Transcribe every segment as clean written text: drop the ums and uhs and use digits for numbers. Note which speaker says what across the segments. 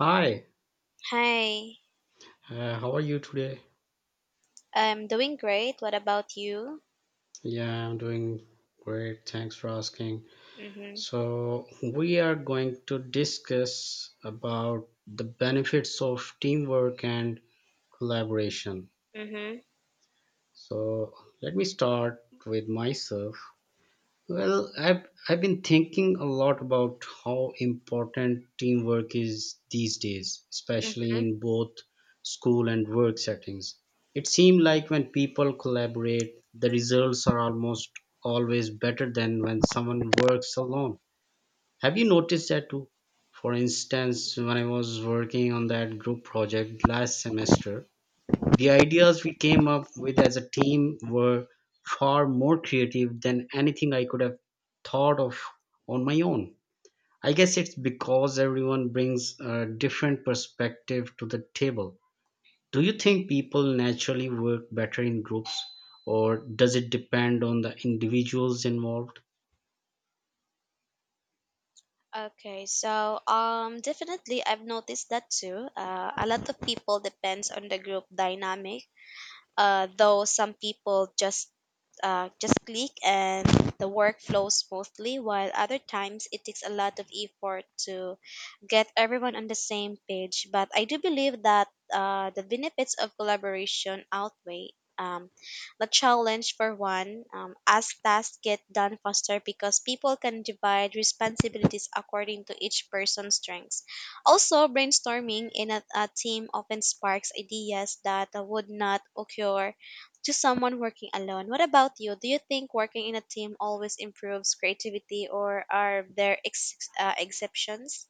Speaker 1: Hi,
Speaker 2: Hi,
Speaker 1: how are you today?
Speaker 2: I'm doing great. What about you?
Speaker 1: Yeah, I'm doing great. Thanks for asking.
Speaker 2: Mhm.
Speaker 1: So, we are going to discuss about the benefits of teamwork and collaboration.
Speaker 2: Mhm.
Speaker 1: So, let me start with myself. Well, I've been thinking a lot about how important teamwork is these days, especially
Speaker 2: Mhm.
Speaker 1: in both school and work settings. It seems like when people collaborate, the results are almost always better than when someone works alone. Have you noticed that too? For instance, when I was working on that group project last semester, the ideas we came up with as a team were far more creative than anything I could have thought of on my own. I guess it's because everyone brings a different perspective to the table. Do you think people naturally work better in groups, or does it depend on the individuals involved?
Speaker 2: Okay, so definitely I've noticed that too. A lot of people depends on the group dynamic. Though some people just click and the work flows smoothly, while other times it takes a lot of effort to get everyone on the same page. But I do believe that the benefits of collaboration outweigh um, the challenge for one, as tasks get done faster because people can divide responsibilities according to each person's strengths. Also, brainstorming in a team often sparks ideas that would not occur to someone working alone. What about you? Do you think working in a team always improves creativity, or are there exceptions?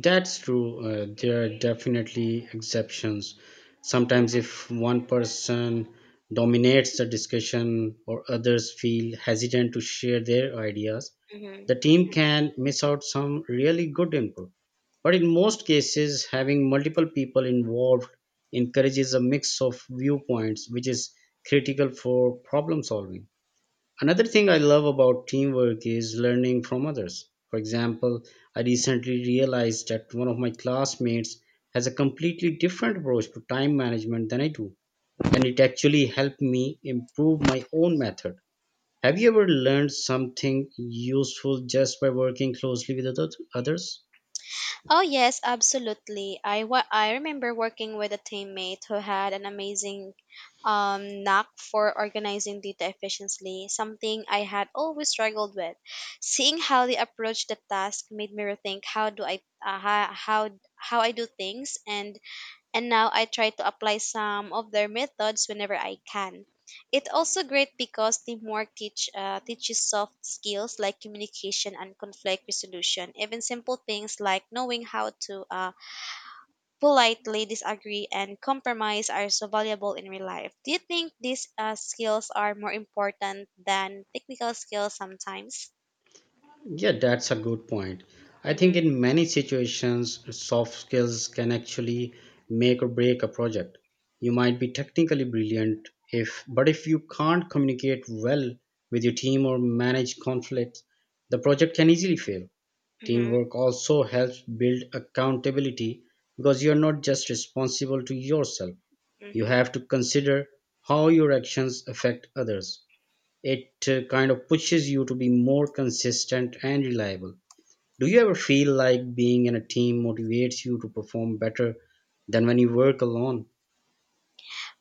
Speaker 1: That's true. There are definitely exceptions. Sometimes, if one person dominates the discussion or others feel hesitant to share their ideas,
Speaker 2: Mhm.
Speaker 1: the team can miss out some really good input. But in most cases, having multiple people involved encourages a mix of viewpoints, which is critical for problem solving. Another thing I love about teamwork is learning from others. For example, I recently realized that one of my classmates has a completely different approach to time management than I do, and it actually helped me improve my own method. Have you ever learned something useful just by working closely with others?
Speaker 2: Oh yes, absolutely. I remember working with a teammate who had an amazing knack for organizing data efficiently, something I had always struggled with. Seeing how they approached the task made me rethink how how I do things, and now I try to apply some of their methods whenever I can. It also great because teamwork teach teaches soft skills like communication and conflict resolution. Even simple things like knowing how to politely disagree and compromise are so valuable in real life. Do you think these skills are more important than technical skills sometimes?
Speaker 1: Yeah, that's a good point. I think
Speaker 2: Mm-hmm,
Speaker 1: in many situations, soft skills can actually make or break a project. You might be technically brilliant if but if you can't communicate well with your team or manage conflicts, the project can easily fail.
Speaker 2: mm-hmm,
Speaker 1: Teamwork also helps build accountability because you're not just responsible to yourself. You
Speaker 2: mm-hmm.
Speaker 1: have to consider how your actions affect others. It kind of pushes you to be more consistent and reliable. Do you ever feel like being in a team motivates you to perform better than when you work alone?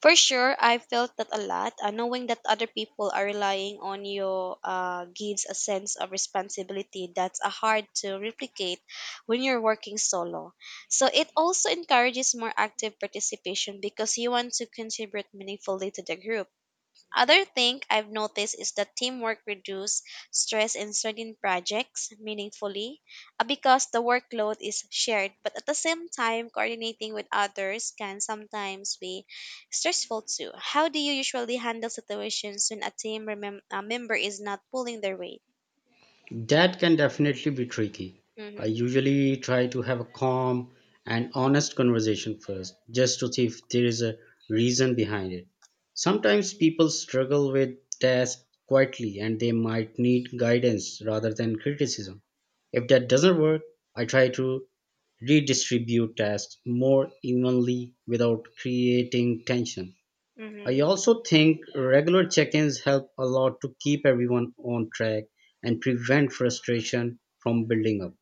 Speaker 2: For sure, I felt that a lot. Knowing that other people are relying on you gives a sense of responsibility that's hard to replicate when you're working solo. So it also encourages more active participation because you want to contribute meaningfully to the group. Other thing I've noticed is that teamwork reduces stress in certain projects meaningfully because the workload is shared. But at the same time, coordinating with others can sometimes be stressful too. How do you usually handle situations when a member is not pulling their weight?
Speaker 1: That can definitely be tricky. I
Speaker 2: Mm-hmm.
Speaker 1: usually try to have a calm and honest conversation first, just to see if there is a reason behind it. Sometimes people struggle with tasks quietly and they might need guidance rather than criticism. If that doesn't work, I try to redistribute tasks more evenly without creating tension. I
Speaker 2: Mm-hmm.
Speaker 1: also think regular check ins help a lot to keep everyone on track and prevent frustration from building up.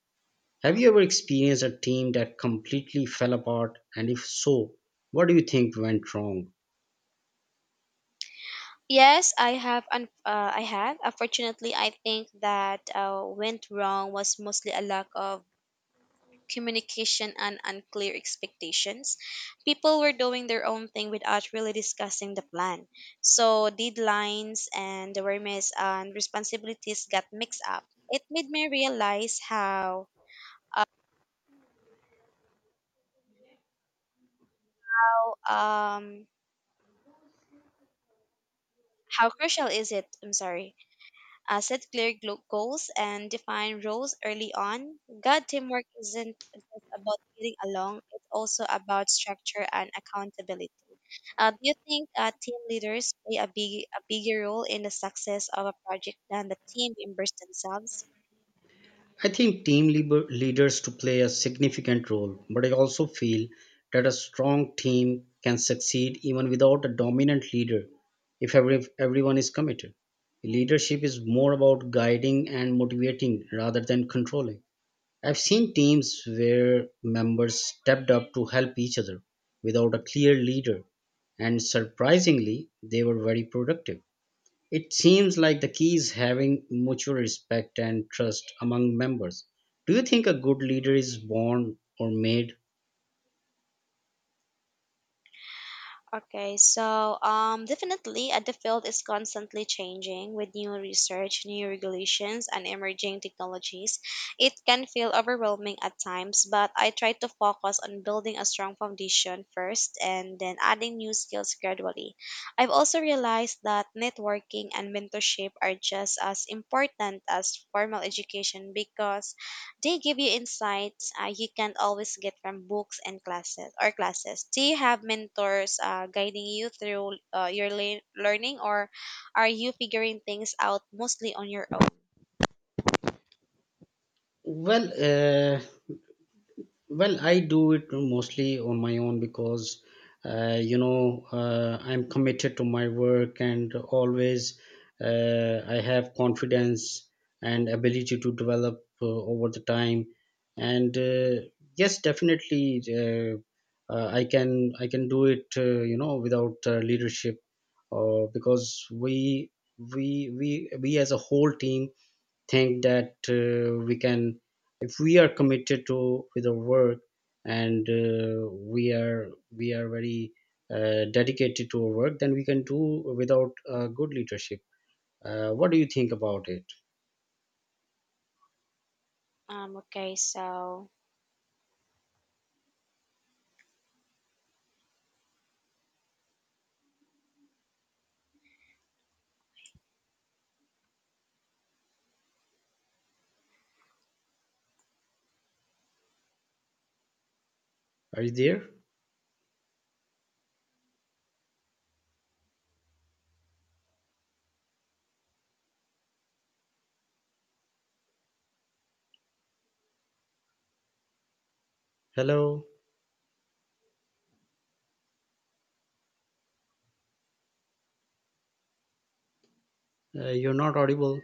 Speaker 1: Have you ever experienced a team that completely fell apart? And if so, what do you think went wrong?
Speaker 2: Yes, I have. I have. Unfortunately, I think that went wrong was mostly a lack of communication, and unclear expectations. People were doing their own thing without really discussing the plan. So deadlines and awareness and responsibilities got mixed up. It made me realize how um how crucial is it? I'm sorry, set clear goals and define roles early on. Good teamwork isn't just about getting along, it's also about structure and accountability. Do you think team leaders play a bigger role in the success of a project than the team members themselves?
Speaker 1: I think leaders to play a significant role, but I also feel that a strong team can succeed even without a dominant leader if everyone is committed. Leadership is more about guiding and motivating rather than controlling. I've seen teams where members stepped up to help each other without a clear leader, and surprisingly, they were very productive. It seems like the key is having mutual respect and trust among members. Do you think a good leader is born or made?
Speaker 2: Definitely, the field is constantly changing with new research, new regulations, and emerging technologies. It can feel overwhelming at times, but I try to focus on building a strong foundation first and then adding new skills gradually. I've also realized that networking and mentorship are just as important as formal education because they give you insights you can't always get from books and classes or classes. Do you have mentors guiding you through your learning, or are you figuring things out mostly on your own?
Speaker 1: Well, uh, Well, I do it mostly on my own because, I'm committed to my work and always I have confidence and ability to develop over the time. And yes, definitely, I can do it, without leadership, because we as a whole team think that we can, if we are committed to with our work and we are very dedicated to our work, then we can do without good leadership. What do you think about it?
Speaker 2: Okay. So,
Speaker 1: Are you there? Hello? You're not audible.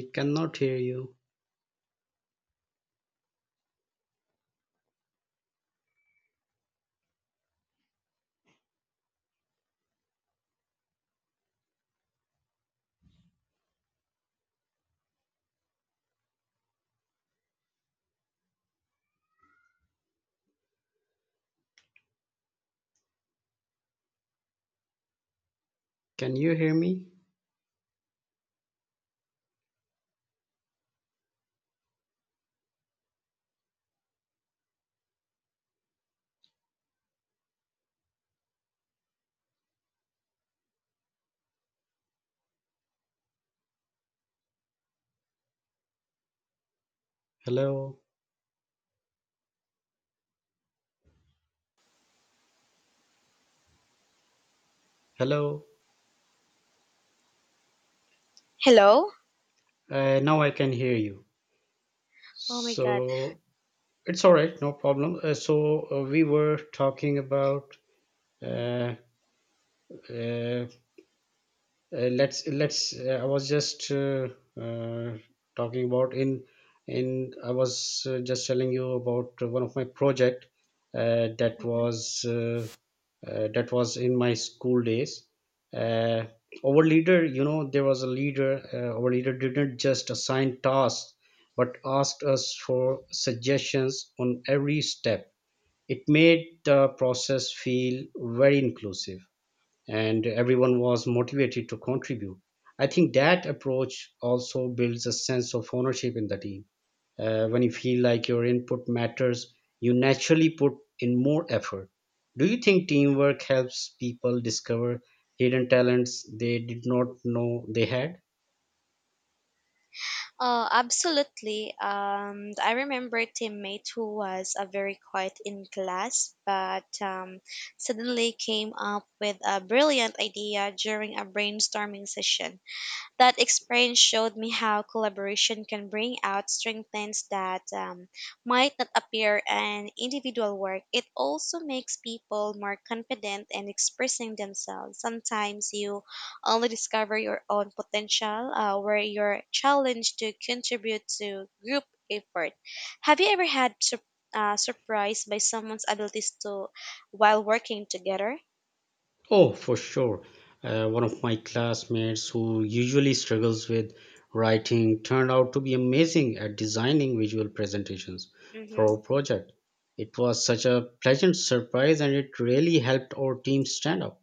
Speaker 1: I cannot hear you. Can you hear me? Hello? Hello?
Speaker 2: hello.
Speaker 1: Now I can hear you.
Speaker 2: Oh my God.
Speaker 1: So, it's all right, no problem. So, we were talking about, uh, uh, let's I was just uh, talking about in I was just telling you about one of my project. That was that was in my school days. Uh, our leader, you know, there was a leader. Our leader didn't just assign tasks but asked us for suggestions on every step. It made the process feel very inclusive and everyone was motivated to contribute. I think that approach also builds a sense of ownership in the team. When you feel like your input matters, you naturally put in more effort. Do you think teamwork helps people discover hidden talents they did not know they had?
Speaker 2: Oh, absolutely. I remember a teammate who was very quiet in class, but suddenly came up with a brilliant idea during a brainstorming session. That experience showed me how collaboration can bring out strengths that might not appear in individual work. It also makes people more confident in expressing themselves. Sometimes you only discover your own potential where you're challenged to contribute to group effort. Have you ever surprised by someone's abilities to while working together?
Speaker 1: Oh, for sure. One of my classmates who usually struggles with writing turned out to be amazing at designing visual presentations
Speaker 2: Mm-hmm,
Speaker 1: for our project. It was such a pleasant surprise and it really helped our team stand out.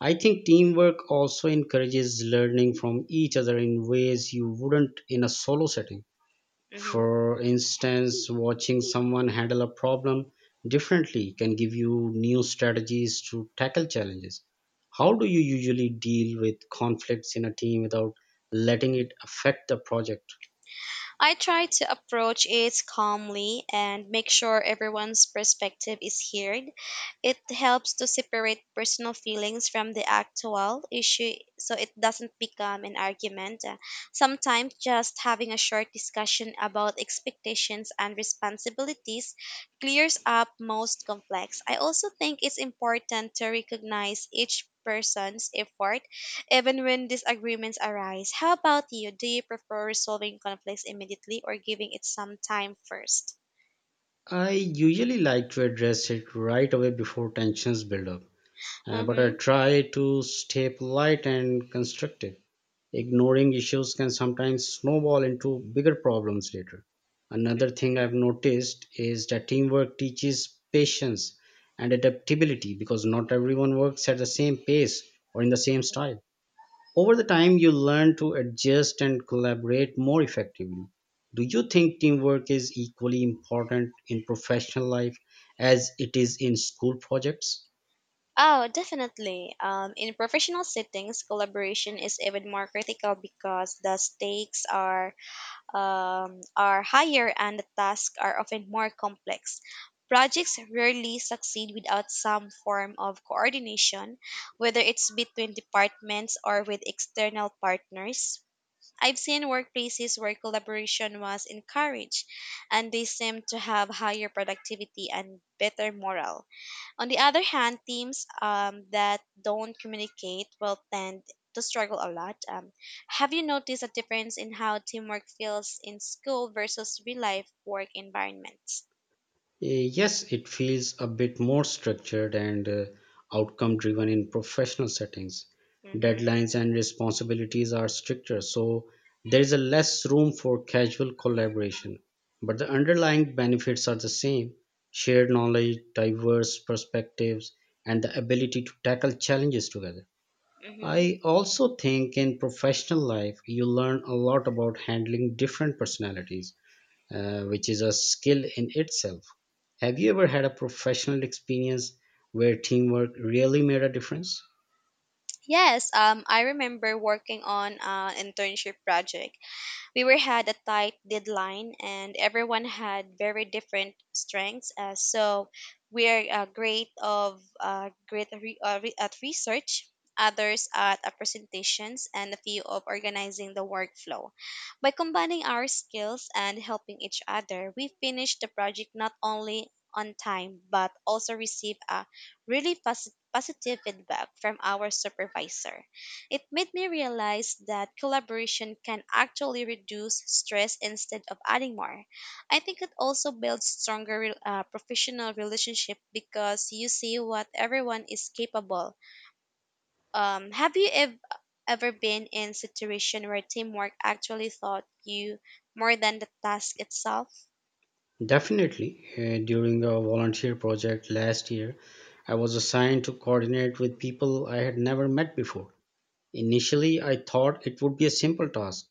Speaker 1: I think teamwork also encourages learning from each other in ways you wouldn't in a solo setting.
Speaker 2: mm-hmm.
Speaker 1: For instance, watching someone handle a problem differently can give you new strategies to tackle challenges. How do you usually deal with conflicts in a team without letting it affect the project?
Speaker 2: I try to approach it calmly and make sure everyone's perspective is heard. It helps to separate personal feelings from the actual issue so it doesn't become an argument. Sometimes just having a short discussion about expectations and responsibilities clears up most complex. I also think it's important to recognize each person's effort even when disagreements arise. How about you? Do you prefer resolving conflicts immediately or giving it some time first?
Speaker 1: I usually like to address it right away before tensions build up. But I
Speaker 2: Mm-hmm.
Speaker 1: try to stay polite and constructive. Ignoring issues can sometimes snowball into bigger problems later. Another thing I've noticed is that teamwork teaches patience and adaptability because not everyone works at the same pace or in the same style. Over the time, you learn to adjust and collaborate more effectively. Do you think teamwork is equally important in professional life as it is in school projects?
Speaker 2: Oh, definitely. In professional settings, collaboration is even more critical because the stakes are higher and the tasks are often more complex. Projects rarely succeed without some form of coordination, whether it's between departments or with external partners. I've seen workplaces where collaboration was encouraged, and they seem to have higher productivity and better morale. On the other hand, teams that don't communicate will tend to struggle a lot. Have you noticed a difference in how teamwork feels in school versus real life work environments?
Speaker 1: Yes, it feels a bit more structured and outcome driven in professional settings.
Speaker 2: Mm-hmm,
Speaker 1: Deadlines and responsibilities are stricter, so there is a less room for casual collaboration. But the underlying benefits are the same: shared knowledge, diverse perspectives, and the ability to tackle challenges together.
Speaker 2: mm-hmm.
Speaker 1: I also think in professional life, you learn a lot about handling different personalities, which is a skill in itself. Have you ever had a professional experience where teamwork really made a difference?
Speaker 2: Yes, I remember working on an internship project. We were had a tight deadline, and everyone had very different strengths. So we're great of great at re- re- at research, others at presentations, and a few of organizing the workflow. By combining our skills and helping each other, we finished the project not only on time but also received a really positive feedback from our supervisor. It made me realize that collaboration can actually reduce stress instead of adding more. I think it also builds stronger professional relationship because you see what everyone is capable. Have you ever been in situation where teamwork actually taught you more than the task itself?
Speaker 1: Definitely. During a volunteer project last year, I was assigned to coordinate with people I had never met before. Initially, I thought it would be a simple task,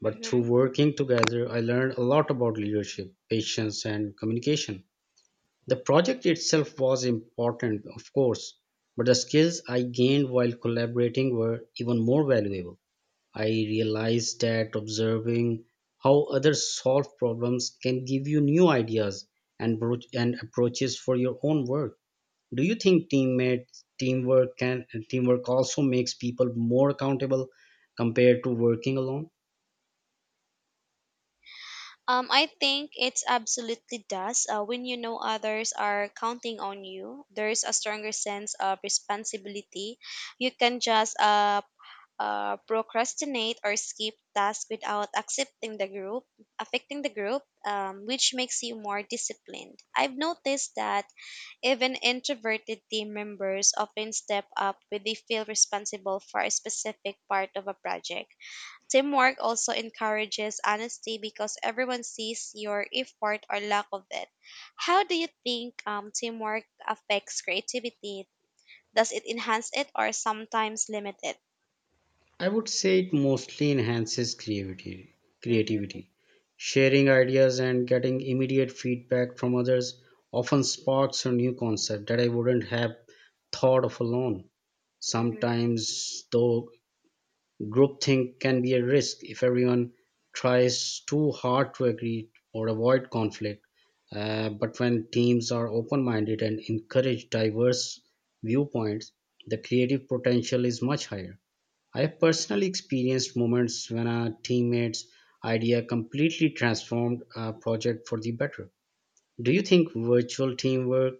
Speaker 1: but through working together, I learned a lot about leadership, patience, and communication. The project itself was important, of course, but the skills I gained while collaborating were even more valuable. I realized that observing how others solve problems can give you new ideas and, and approaches for your own work. Do you think teammates teamwork also makes people more accountable compared to working alone?
Speaker 2: I think it's absolutely does. When you know others are counting on you, there's a stronger sense of responsibility. You can just procrastinate or skip tasks without affecting the group, which makes you more disciplined. I've noticed that even introverted team members often step up when they feel responsible for a specific part of a project. Teamwork also encourages honesty because everyone sees your effort or lack of it. How do you think teamwork affects creativity? Does it enhance it or sometimes limit it?
Speaker 1: I would say it mostly enhances
Speaker 2: hmm
Speaker 1: creativity. Sharing ideas and getting immediate feedback from others often sparks a new concept that I wouldn't have thought of alone.
Speaker 2: hmm
Speaker 1: Sometimes, though, groupthink can be a risk if everyone tries too hard to agree or avoid conflict. But when teams are open minded and encourage diverse viewpoints, the creative potential is much higher. I have personally experienced moments when a teammate's idea completely transformed a project for the better. Do you think virtual teamwork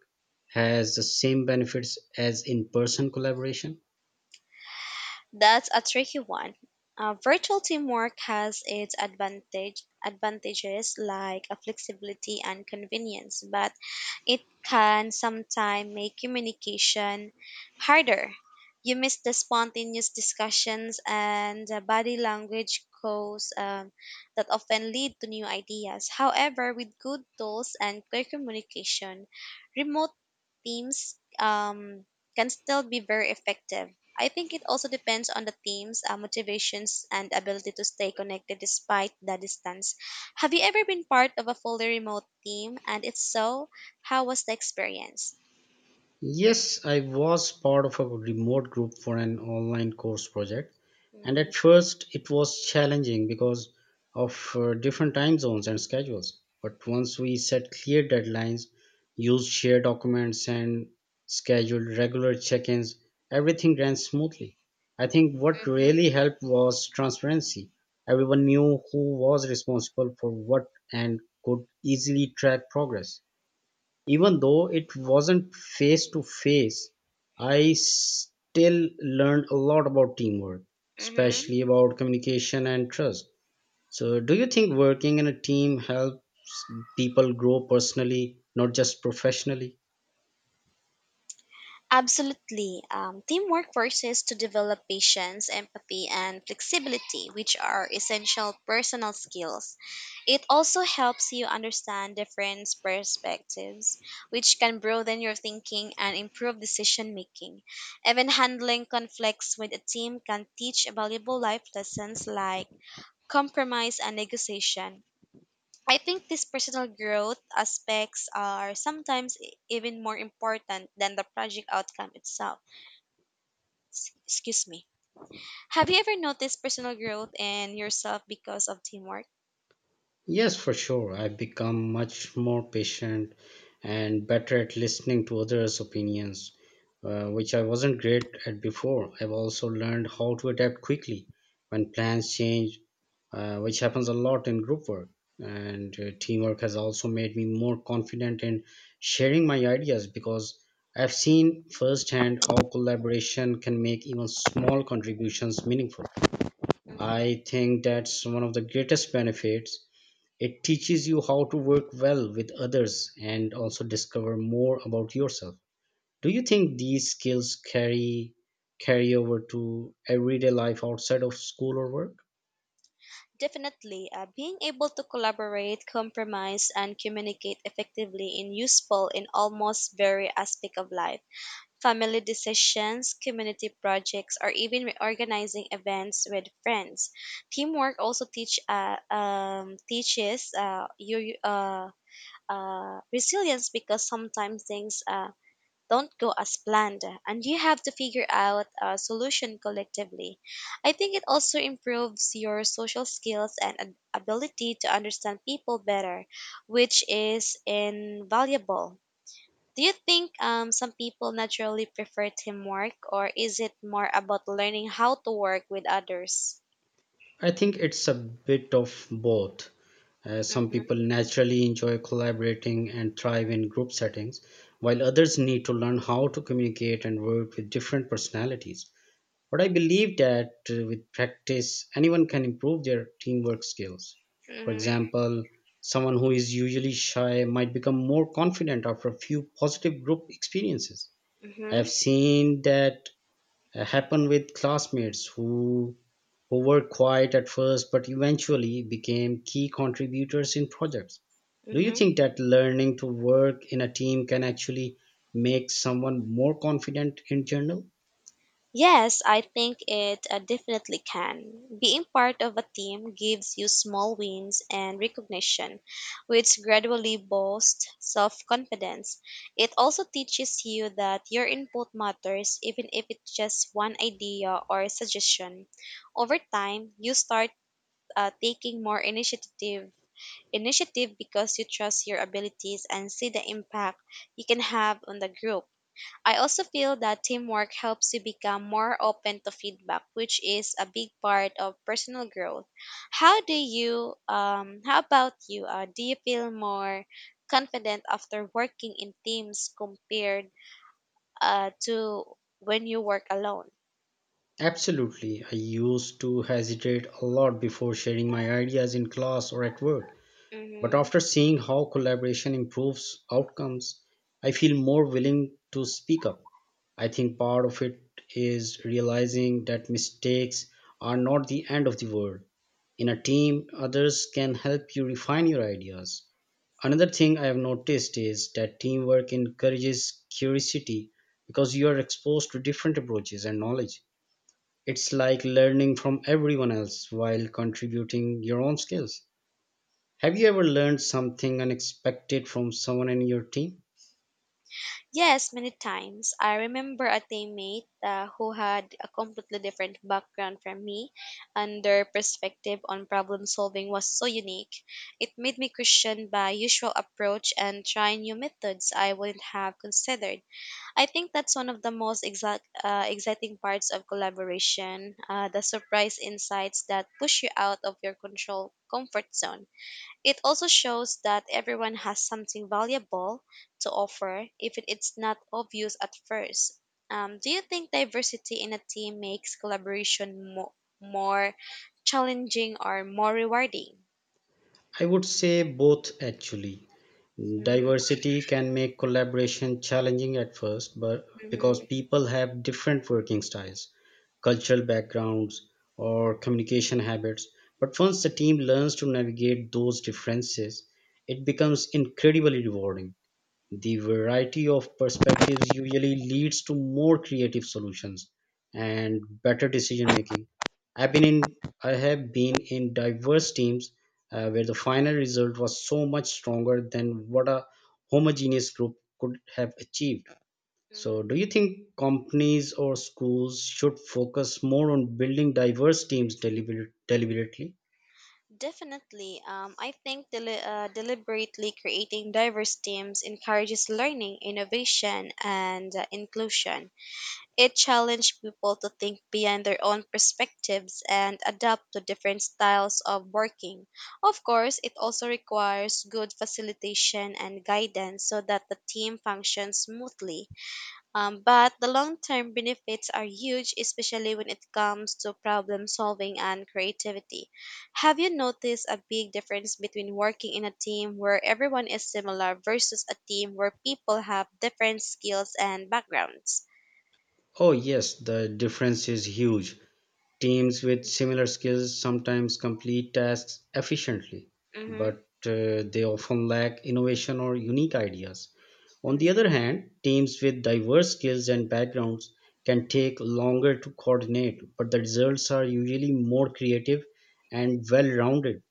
Speaker 1: has the same benefits as in person collaboration?
Speaker 2: That's a tricky one. Uh, virtual teamwork has its advantages like flexibility and convenience, but it can sometimes make communication harder. You miss the spontaneous discussions and the body language cues that often lead to new ideas. However, with good tools and clear communication, remote teams can still be very effective. I think it also depends on the team's motivations and ability to stay connected despite the distance. Have you ever been part of a fully remote team? And if so, how was the experience?
Speaker 1: Yes, I was part of a remote group for an online course project, and
Speaker 2: Mm-hmm,
Speaker 1: at first it was challenging because of different time zones and schedules. But once we set clear deadlines, used shared documents, and scheduled regular check ins, everything ran smoothly. I think what
Speaker 2: mm-hmm,
Speaker 1: really helped was transparency. Everyone knew who was responsible for what and could easily track progress. Even though it wasn't face to face, I still learned a lot about teamwork,
Speaker 2: mm-hmm.
Speaker 1: especially about communication and trust. So, do you think working in a team helps people grow personally, not just professionally?
Speaker 2: Absolutely. Teamwork forces to develop patience, empathy, and flexibility, which are essential personal skills. It also helps you understand different perspectives, which can broaden your thinking and improve decision making. Even handling conflicts with a team can teach valuable life lessons like compromise and negotiation. I think these personal growth aspects are sometimes even more important than the project outcome itself. Excuse me. Have you ever noticed personal growth in yourself because of teamwork?
Speaker 1: Yes, for sure. I've become much more patient and better at listening to others' opinions, which I wasn't great at before. I've also learned how to adapt quickly when plans change, which happens a lot in group work. And teamwork has also made me more confident in sharing my ideas because I've seen firsthand how collaboration can make even small contributions meaningful.
Speaker 2: hmm
Speaker 1: I think that's one of the greatest benefits: it teaches you how to work well with others and also discover more about yourself. Do you think these skills carry over to everyday life outside of school or work?
Speaker 2: Definitely. Being able to collaborate, compromise, and communicate effectively is useful in almost every aspect of life: family decisions, community projects, or even reorganizing events with friends. Teamwork also teaches you resilience because sometimes things don't go as planned, and you have to figure out a solution collectively. I think it also improves your social skills and ability to understand people better, which is invaluable. Do you think some people naturally prefer teamwork, or is it more about learning how to work with others?
Speaker 1: I think it's a bit of both. Some
Speaker 2: Mm-hmm,
Speaker 1: people naturally enjoy collaborating and thrive in group settings, while others need to learn how to communicate and work with different personalities. But I believe that, with practice, anyone can improve their teamwork skills. For
Speaker 2: mm-hmm,
Speaker 1: example, someone who is usually shy might become more confident after a few positive group experiences. I
Speaker 2: mm-hmm,
Speaker 1: have seen that happen with classmates who were quiet at first but eventually became key contributors in projects. Do you
Speaker 2: mm-hmm.
Speaker 1: think that learning to work in a team can actually make someone more confident in general?
Speaker 2: Yes, I think it definitely can. Being part of a team gives you small wins and recognition, which gradually boosts self confidence. It also teaches you that your input matters, even if it's just one idea or suggestion. Over time, you start taking more initiative because you trust your abilities and see the impact you can have on the group. I also feel that teamwork helps you become more open to feedback, which is a big part of personal growth. How about you? Do you feel more confident after working in teams compared to when you work alone?
Speaker 1: Absolutely. I used to hesitate a lot before sharing my ideas in class or at work, but
Speaker 2: Mhm.
Speaker 1: after seeing how collaboration improves outcomes, I feel more willing to speak up. I think part of it is realizing that mistakes are not the end of the world. In a team, others can help you refine your ideas. Another thing I have noticed is that teamwork encourages curiosity because you are exposed to different approaches and knowledge. It's like learning from everyone else while contributing your own skills. Have you ever learned something unexpected from someone in your team?
Speaker 2: Yes, many times. I remember a teammate who had a completely different background from me, and their perspective on problem solving was so unique. It made me question my usual approach and try new methods I wouldn't have considered. I think that's one of the most exciting parts of collaboration, the surprise insights that push you out of your control comfort zone. It also shows that everyone has something valuable to offer, if it's not obvious at first. Do you think diversity in a team makes collaboration more challenging or more rewarding?
Speaker 1: I would say both, actually.
Speaker 2: Mhm,
Speaker 1: Diversity can make collaboration challenging at first, but because
Speaker 2: mhm,
Speaker 1: people have different working styles, cultural backgrounds, or communication habits. But once the team learns to navigate those differences, it becomes incredibly rewarding. The variety of perspectives usually leads to more creative solutions and better decision making. I've been in I have been in diverse teams, where the final result was so much stronger than what a homogeneous group could have achieved. So,
Speaker 2: mhm.
Speaker 1: do you think companies or schools should focus more on building diverse teams deliberately?
Speaker 2: Definitely. Um, I think deliberately creating diverse teams encourages learning, innovation, and inclusion. It challenged people to think beyond their own perspectives and adapt to different styles of working. Of course, it also requires good facilitation and guidance so that the team functions smoothly. But the long term benefits are huge, especially when it comes to problem solving and creativity. Have you noticed a big difference between working in a team where everyone is similar versus a team where people have different skills and backgrounds?
Speaker 1: Oh, yes, the difference is huge. Teams with similar skills sometimes complete tasks efficiently,
Speaker 2: Mm-hmm.
Speaker 1: but they often lack innovation or unique ideas. On the
Speaker 2: Mm-hmm.
Speaker 1: other hand, teams with diverse skills and backgrounds can take longer to coordinate, but the results are usually more creative and well rounded.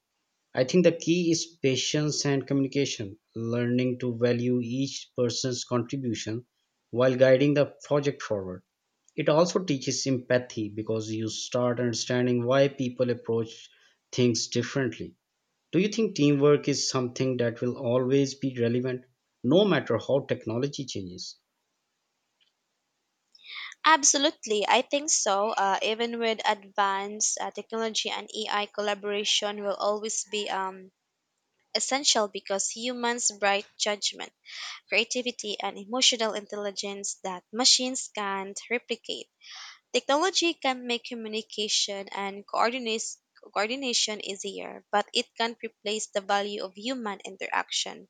Speaker 1: I think the key is patience and communication, learning to value each person's contribution while guiding the project forward. It also teaches empathy because you start understanding why people approach things differently. Do you think teamwork is something that will always be relevant, no matter how technology changes?
Speaker 2: Absolutely, I think so. Even with advanced technology and AI, collaboration will always be essential because humans' bright judgment, creativity, and emotional intelligence that machines can't replicate. Technology can make communication and coordinate coordination easier, but it can't replace the value of human interaction.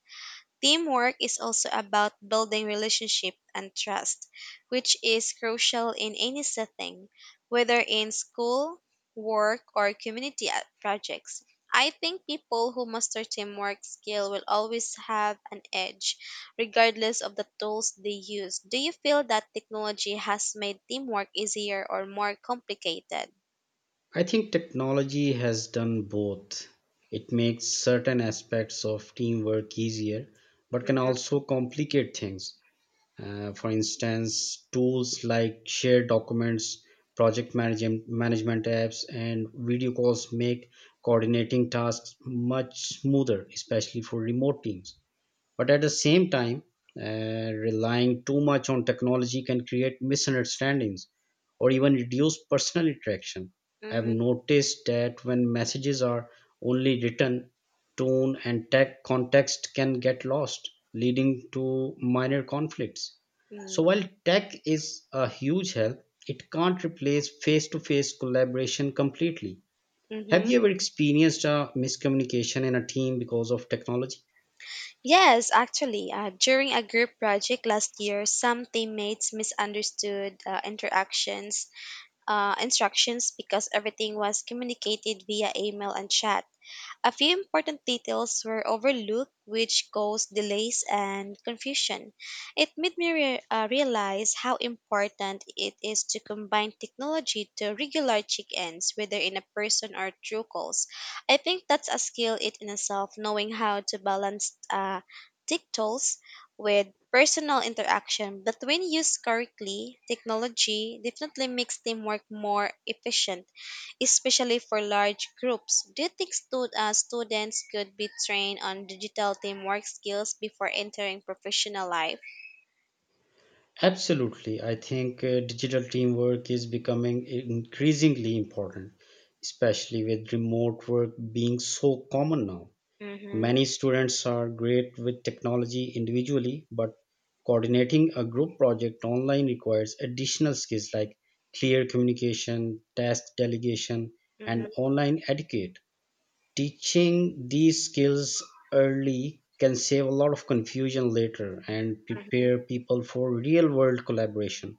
Speaker 2: Teamwork is also about building relationship and trust, which is crucial in any setting, whether in school, work, or community projects. I think people who master teamwork skill will always have an edge, regardless of the tools they use. Do you feel that technology has made teamwork easier or more complicated?
Speaker 1: I think technology has done both. It makes certain aspects of teamwork easier, but can
Speaker 2: Mm-hmm.
Speaker 1: also complicate things. For instance, tools like shared documents, project management, management apps, and video calls make coordinating tasks much smoother, especially for remote teams. But at the same time, relying too much on technology can create misunderstandings or even reduce personal interaction. I have noticed that when messages are only written, tone and tech context can get lost, leading to minor conflicts.
Speaker 2: Mm-hmm.
Speaker 1: So while tech is a huge help, it can't replace face-to-face collaboration completely. Have
Speaker 2: Mm-hmm.
Speaker 1: you ever experienced a miscommunication in a team because of technology?
Speaker 2: Yes, actually, during a group project last year, some teammates misunderstood interactions instructions because everything was communicated via email and chat. A few important details were overlooked, which caused delays and confusion. It made me realize how important it is to combine technology to regular check-ins, whether in a person or through calls. I think that's a skill it in itself, knowing how to balance tech tools with personal interaction. But when used correctly, technology definitely makes teamwork more efficient, especially for large groups. Do you think students could be trained on digital teamwork skills before entering professional life?
Speaker 1: Absolutely. I think digital teamwork is becoming increasingly important, especially with remote work being so common now.
Speaker 2: Mm-hmm,
Speaker 1: Many students are great with technology individually, but coordinating a group project online requires additional skills like clear communication, task delegation,
Speaker 2: mm-hmm,
Speaker 1: and online etiquette. Teaching these skills early can save a lot of confusion later and
Speaker 2: mm-hmm.
Speaker 1: prepare people for real world collaboration.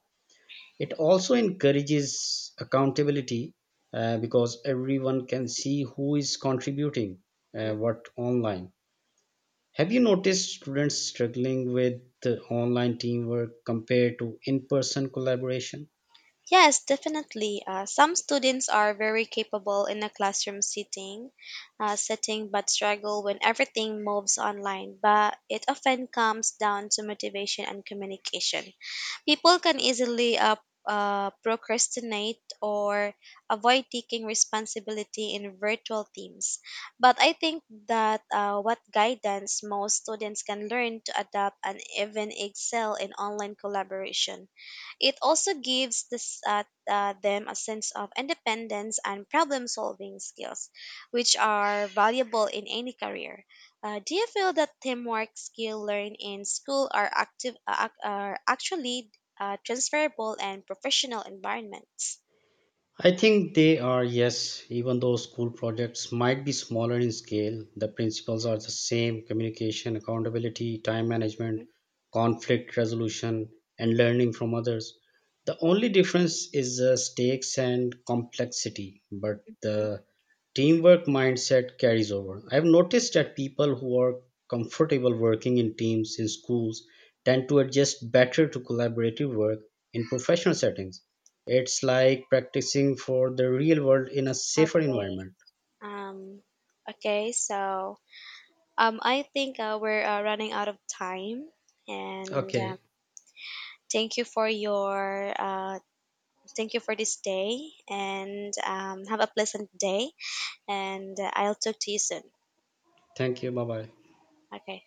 Speaker 1: It also encourages accountability, because everyone can see who is contributing
Speaker 2: Mm.
Speaker 1: what online. Have you noticed students struggling with the online teamwork compared to in person collaboration?
Speaker 2: Yes, definitely. Some students are very capable in a setting, but struggle when everything moves online. But it often comes down to motivation and communication. People can easily procrastinate or avoid taking responsibility in virtual teams. But I think that what guidance most students can learn to adapt and even excel in online collaboration. It also gives them a sense of independence and problem solving skills, which are valuable in any career. Do you feel that teamwork skill learned in school are are actually transferable and professional environments.
Speaker 1: I think they are, yes, even though school projects might be smaller in scale, the principles are the same: communication, accountability, time management, conflict resolution, and learning from others. The only difference is the stakes and complexity, but
Speaker 2: Mhm.
Speaker 1: the teamwork mindset carries over. I've noticed that people who are comfortable working in teams in schools tend to adjust better to collaborative work in professional settings. It's like practicing for the real world in a safer
Speaker 2: Okay.
Speaker 1: environment.
Speaker 2: Um, okay. So I think we're running out of time, and
Speaker 1: Okay,
Speaker 2: thank you for your thank you for this day, and have a pleasant day. And I'll talk to you soon.
Speaker 1: thank you. Bye bye.
Speaker 2: Okay.